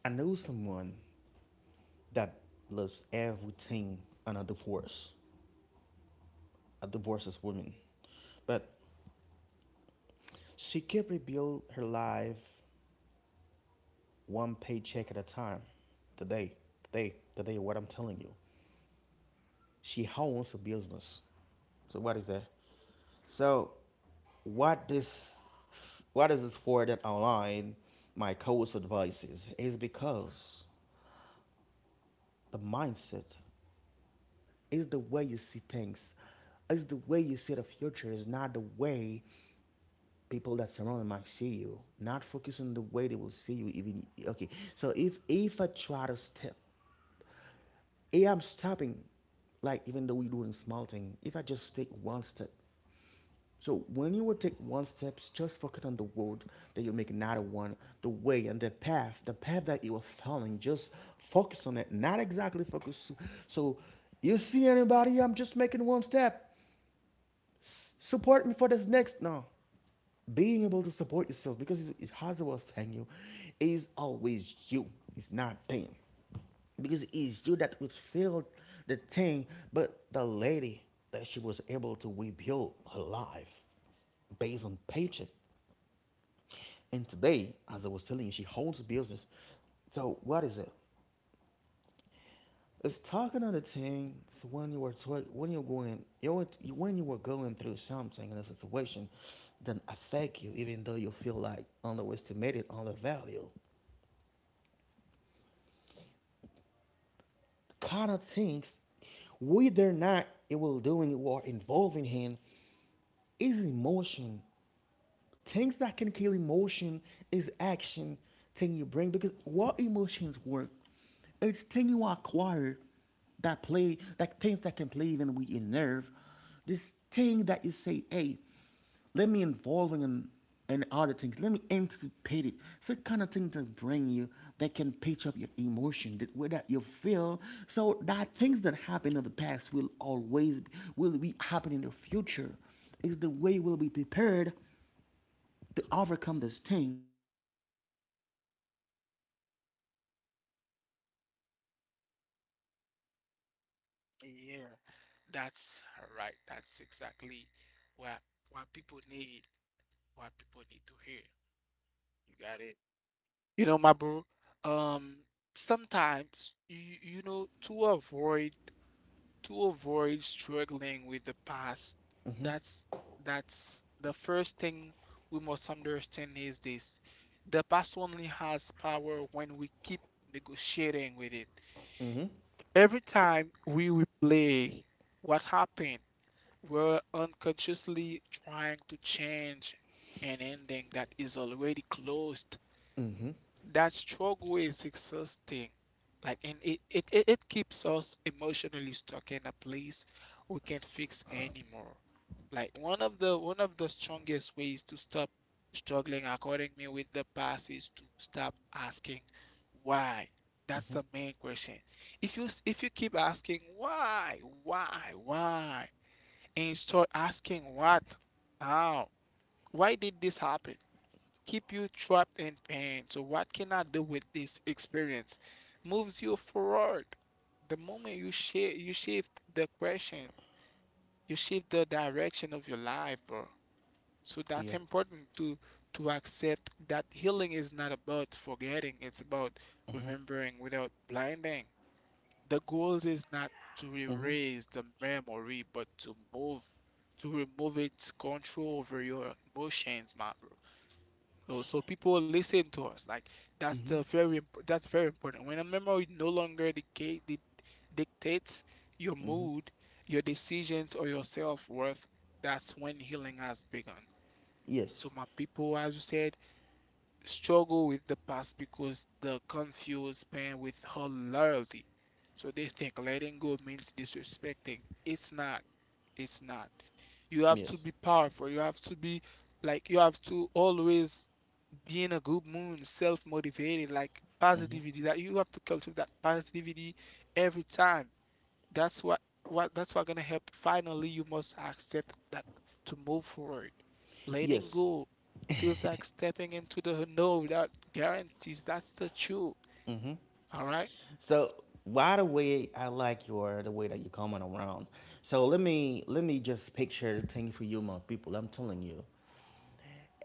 Speaker 1: I know someone that loves everything on a divorce. A divorced woman. But she kept rebuild her life one paycheck at a time. Today, today what I'm telling you. She owns a business. So what is that? So what this what is this for that online my course advices is because the mindset is the way you see things is the way you see the future is not the way people that surround might see you not focusing the way they will see you even okay. So if I try to step, if I'm stopping, like even though we're doing small thing, if I just take one step. So when you will take one step, just focus on the road that you'll make another one, the way and the path, that you are following. Just focus on it, not exactly focus. So you see anybody, I'm just making one step, support me for this next. No. Being able to support yourself, because it's Hazawa's hang you is always you. It's not them. Because it's you that would feel the thing, but the lady that she was able to rebuild her life based on paycheck. And today, as I was telling you, she holds a business. So what is it? It's talk another thing. It's when you were when you were going through something in a situation that affect you, even though you feel like underestimated on the value. Kind of things, whether or not it will doing or involving him, is emotion, things that can kill emotion is action, thing you bring, because what emotions work, it's thing you acquire, that play, that things that can play even with your nerve, this thing that you say, hey, let me involve in other things, let me anticipate it, it's the kind of thing to bring you, that can pitch up your emotion, that way that you feel, so that things that happen in the past will always will be happen in the future, is the way we'll be prepared to overcome these things, is kind of things that will not be able to lower down your emotion, because you be able to live with your to live with your
Speaker 2: yeah,
Speaker 1: emotion. It's
Speaker 2: that's
Speaker 1: not
Speaker 2: right.
Speaker 1: when you
Speaker 2: That's
Speaker 1: take this
Speaker 2: exactly
Speaker 1: action, when you
Speaker 2: what what
Speaker 1: decide
Speaker 2: people
Speaker 1: you
Speaker 2: need,
Speaker 1: refuse to not
Speaker 2: what
Speaker 1: let your
Speaker 2: people need to hear.
Speaker 1: emotion take
Speaker 2: You
Speaker 1: control
Speaker 2: got
Speaker 1: of
Speaker 2: it.
Speaker 1: you, is the
Speaker 2: You know, my
Speaker 1: way
Speaker 2: bro.
Speaker 1: when you take, when
Speaker 2: Um,
Speaker 1: you take the step one.
Speaker 2: sometimes
Speaker 1: Yeah.
Speaker 2: to avoid. To avoid struggling with the past. That's that's the first thing we must understand is this. The past only has power when we keep negotiating with it. Every time we replay what happened, we're unconsciously trying to change an ending that is already closed. That struggle is exhausting. Like, and it keeps us emotionally stuck in a place we can't fix anymore. Like one of the strongest ways to stop struggling, according me, with the past is to stop asking why. That's the main question. If you keep asking why, and start asking what, how, why did this happen? Keep you trapped in pain. So what can I do with this experience? Moves you forward. The moment you shift the question, you shift the direction of your life, bro. So that's
Speaker 1: Yeah.
Speaker 2: important to accept that healing is not about forgetting, it's about remembering without blinding. The goal is not to
Speaker 1: Mm-hmm.
Speaker 2: erase the memory, but to move, to remove its control over your emotions, my bro. No, so people listen to us. Like that's very important. When a memory no longer dictates your mood, your decisions, or your self-worth, that's when healing has begun.
Speaker 1: Yes.
Speaker 2: So my people, as you said, struggle with the past because they confuse pain with her loyalty. So they think letting go means disrespecting. It's not. It's not. You have to
Speaker 1: Yes.
Speaker 2: be powerful. You have to be like you have to always be in a good mood, self-motivated, like positivity that you have to cultivate that positivity every time. That's what that's what gonna help you. Finally, you must accept that to move forward. Letting
Speaker 1: Yes.
Speaker 2: go feels like stepping into the unknown without guarantees. That's the truth. All right.
Speaker 1: So why the way I like your the way that you're coming around. So let me just picture the thing for you, my people. I'm telling you,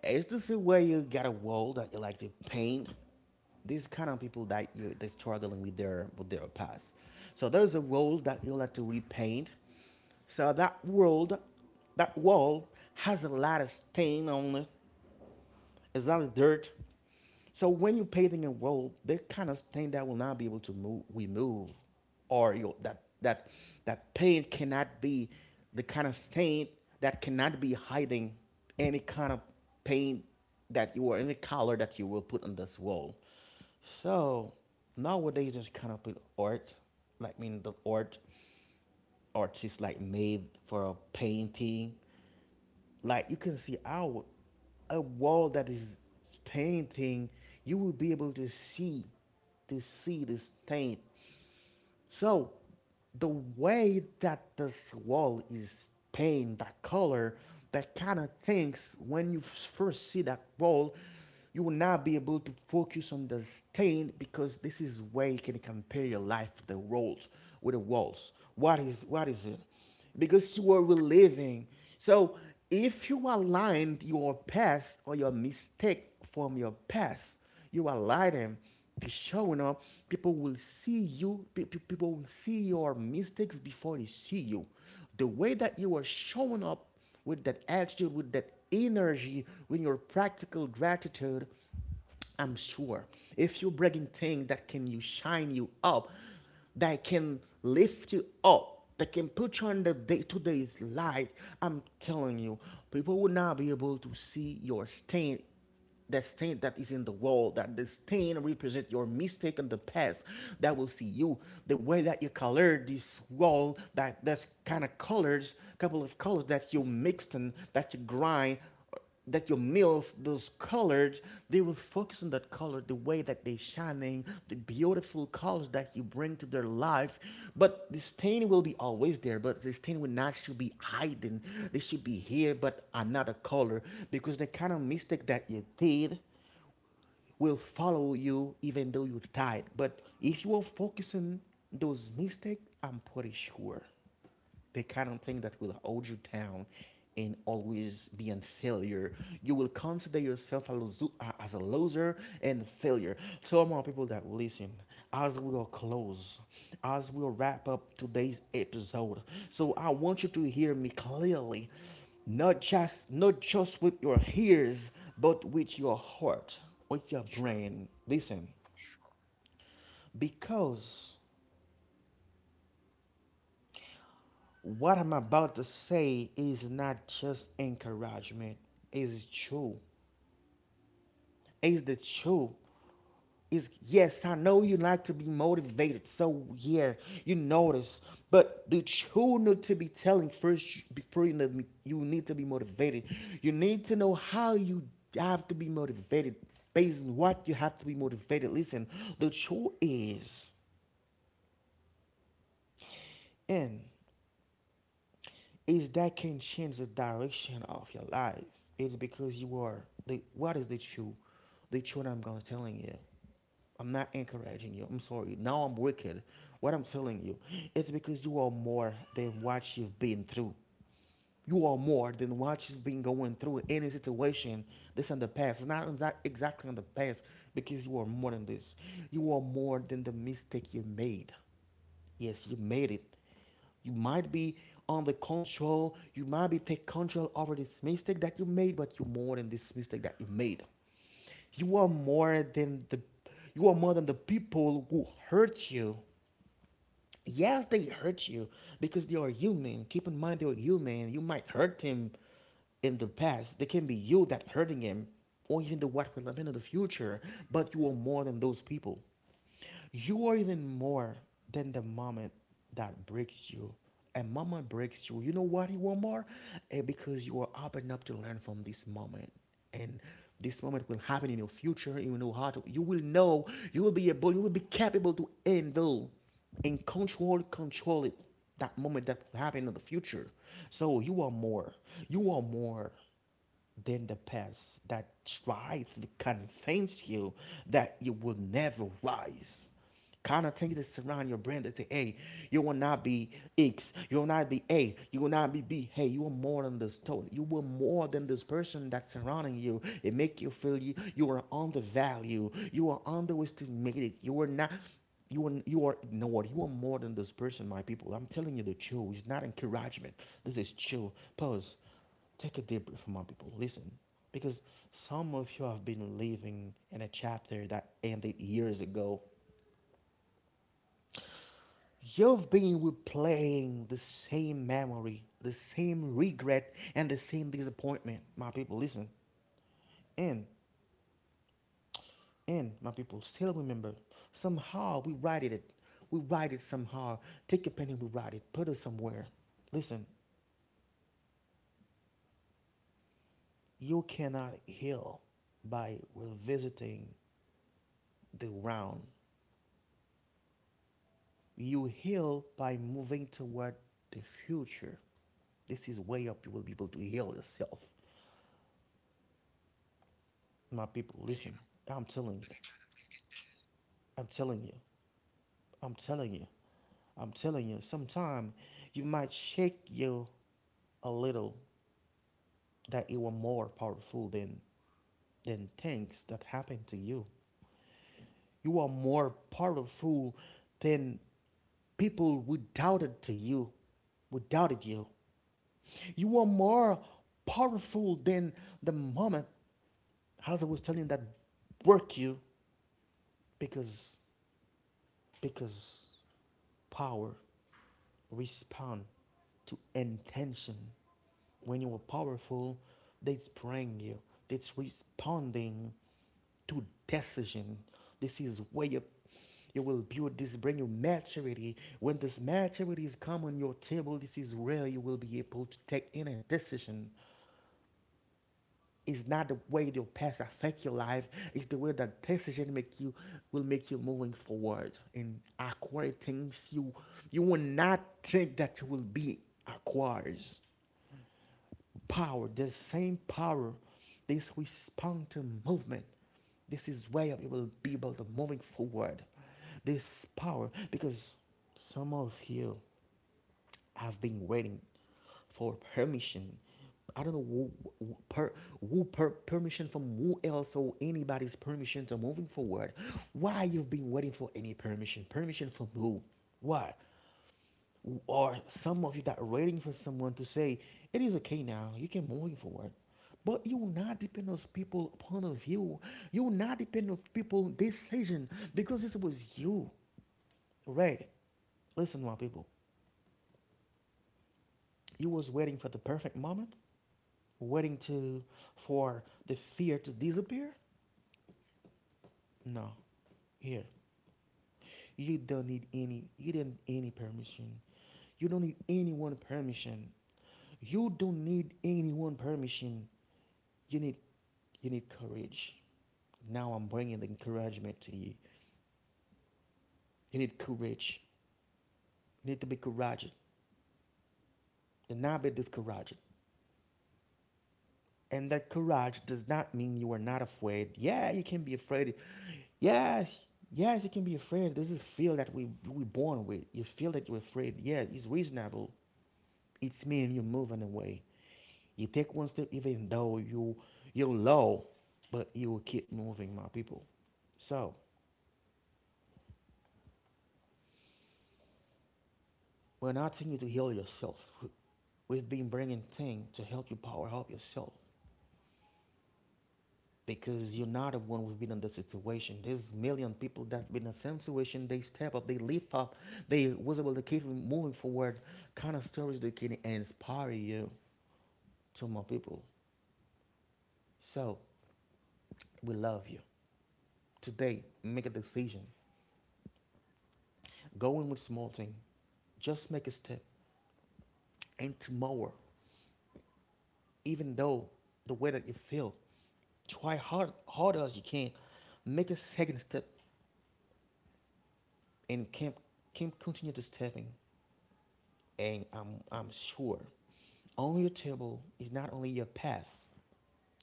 Speaker 1: is this the way you got a wall that you like to paint? These kind of people that you they struggling with their past. So there's a wall that you like to repaint. So that world, that wall has a lot of stain on it, it's not dirt. So when you're paving a road, there kind of thing that will not be able to move, remove, or you know, that that paint cannot be the kind of stain that cannot be hiding any kind of paint that you or any color that you will put on this wall. So nowadays, just kind of put art, like I mean the art artists like made for a painting, like you can see out a wall that is painting, you will be able to see the stain. So the way that this wall is paint, that color, that kind of things, when you first see that wall, you will not be able to focus on the stain because this is where you can compare your life with the walls, what is it? Because you are reliving. So if you aligned your past or your mistake from your past, you align them, be showing up, people will see you, people will see your mistakes before they see you. The way that you are showing up with that attitude, with that energy, with your practical gratitude, I'm sure if you're bringing things that can you shine you up, that can lift you up, that can put you on the day to day's light, I'm telling you, people will not be able to see your stain, that stain that is in the world, that the stain represent your mistake in the past, that will see you. The way that you colored this wall, that's kind of colors, couple of colors that you mixed and that you grind that your meals, those colors, they will focus on that color, the way that they shining, the beautiful colors that you bring to their life. But the stain will be always there, but the stain will not should be hiding. They should be here, but another color, because the kind of mistake that you did will follow you even though you died. But if you are focusing those mistakes, I'm pretty sure the kind of thing that will hold you down and always be a failure. You will consider yourself a loser, as a loser and failure. So, more people that listen, as we will close, as we will wrap up today's episode, so I want you to hear me clearly, not just with your ears, but with your heart, with your
Speaker 2: Sure,
Speaker 1: brain. Listen,
Speaker 2: sure.
Speaker 1: because what I'm about to say is not just encouragement. It's true. It's the truth. It's yes, I know you like to be motivated, so yeah, you notice. But the truth need to be telling first before you, you need to be motivated. You need to know how you have to be motivated based on what you have to be motivated. Listen, the truth is in is that can change the direction of your life. It's because you are the what is the truth? The truth I'm gonna telling you. I'm not encouraging you. I'm sorry. Now I'm wicked. What I'm telling you, it's because you are more than what you've been through. You are more than what you've been going through. Any situation this in the past. It's not exactly in the past because you are more than this. You are more than the mistake you made. Yes, you made it. You might be on the control. You might be take control over this mistake that you made, but you're more than this mistake that you made. You are more than the you are more than the people who hurt you. Yes, they hurt you because they are human. Keep in mind they are human. You might hurt him in the past. They can be you that hurting him, or even the what will happen in the future. But you are more than those people. You are even more than the moment that breaks you. A moment breaks you. You know what you want more? Because you are open up to learn from this moment. And this moment will happen in your future. You know how to you will know, you will be able, you will be capable to handle and control it. That moment that will happen in the future. So you are more. You are more than the past that tried to convince you that you will never rise. Kind of thing that surround your brain that say, hey, you will not be X, you will not be A, you will not be B. Hey, you are more than this total. You were more than this person that's surrounding you. It make you feel you you are undervalued. You are underestimated. You are not you are you are you know what you are more than this person, my people. I'm telling you the truth. It's not encouragement. This is true. Pause. Take a deep breath, my people. Listen, because some of you have been living in a chapter that ended years ago. You've been replaying the same memory, the same regret, and the same disappointment. My people, listen. And, and, my people, still remember. Somehow we write it. We write it somehow. Take a pen and we write it. Put it somewhere. Listen, you cannot heal by revisiting the ground. You heal by moving toward the future. This is way up you will be able to heal yourself. My people, listen. I'm telling you. I'm telling you. I'm telling you. I'm telling you. Sometime you might shake you a little that you are more powerful than things that happen to you. You are more powerful than people who doubted to you, who doubted you. You are more powerful than the moment, as I was telling you, that work you because because power respond to intention. When you are powerful, they spring you. That's responding to decision. This is where you will build this, bring you maturity. When this maturity is come on your table, this is where you will be able to take any decision. It's not the way your past affect your life. It's the way that decision make you will make you moving forward and acquire things you will not think that you will be acquires. Power, the same power, this respond to movement. This is where you will be able to moving forward. This power because some of you I've been waiting for permission. I don't know who- per, who, permission from who else or anybody's permission to moving forward. Why you've been waiting for any permission? Permission from who? Why? Or some of you that are waiting for someone to say it is okay now. You can moving forward. But you will not depend on people point of view. You will not depend on people decision because this was you, right? Listen, my people. You was waiting for the perfect moment waiting to for the fear to disappear? No. Here, you don't need any. You didn't any permission. You don't need anyone permission. You don't need anyone permission. You need you need courage. Now I'm bringing the encouragement to you. You need courage. You need to be courageous. Do not be discouraged. And that courage does not mean you are not afraid. Yeah, you can be afraid. Yes, yes, you can be afraid. This is feel that we born with. You feel that you're afraid. Yeah, it's reasonable. It's mean you're moving away. You take one step, even though you're low, but you will keep moving, my people. So we're not telling you to heal yourself. We've been bringing things to help you power up yourself because you're not the one who's been in the situation. There's million people that's been in the same situation. They step up, they lift up, they was able to keep moving forward. Kind of stories that can inspire you to my people. So we love you. Today, make a decision. Go in with small thing. Just make a step. And tomorrow, even though the way that you feel, try hard as you can. Make a second step and keep keep continue to stepping. And I'm sure on your table is not only your past,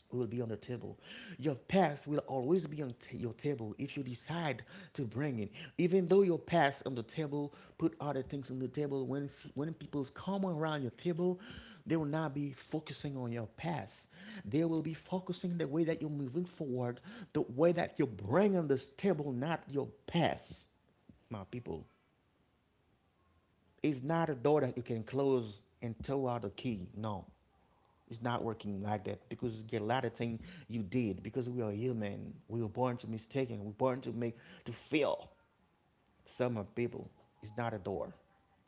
Speaker 1: will be on the table. Your past will always be on your table if you decide to bring it. Even though your past on the table, put other things on the table. When people come around your table, they will not be focusing on your past. They will be focusing the way that you're moving forward, the way that you're bringing this table, not your past my people. It's not a door that you can close and throw out a key. No. It's not working like that because get a lot of things you did because we are human. We were born to mistaken. We're born to make to fail. Some of people, it's not a door.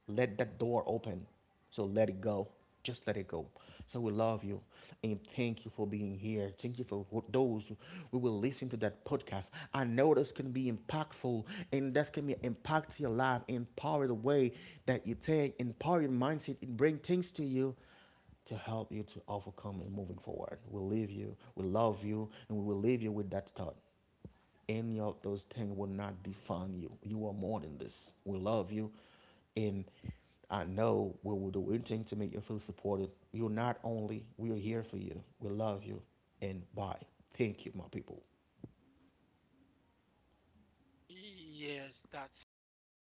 Speaker 1: Let that door open. So let it go. Just let it go. So we love you and thank you for being here. Thank you for those who will listen to that podcast. I know this can be impactful and that's can be impact your life, empower the way that you take, empower your mindset, and bring things to you to help you to overcome and moving forward. We leave you, we love you, and we will leave you with that thought. Any of those things will not define you. You are more than this. We love you. And I know we will do anything to make you feel supported. You're not only, we are here for you. We love you. And bye. Thank you, my people.
Speaker 2: Yeah. Yes, that's perfect.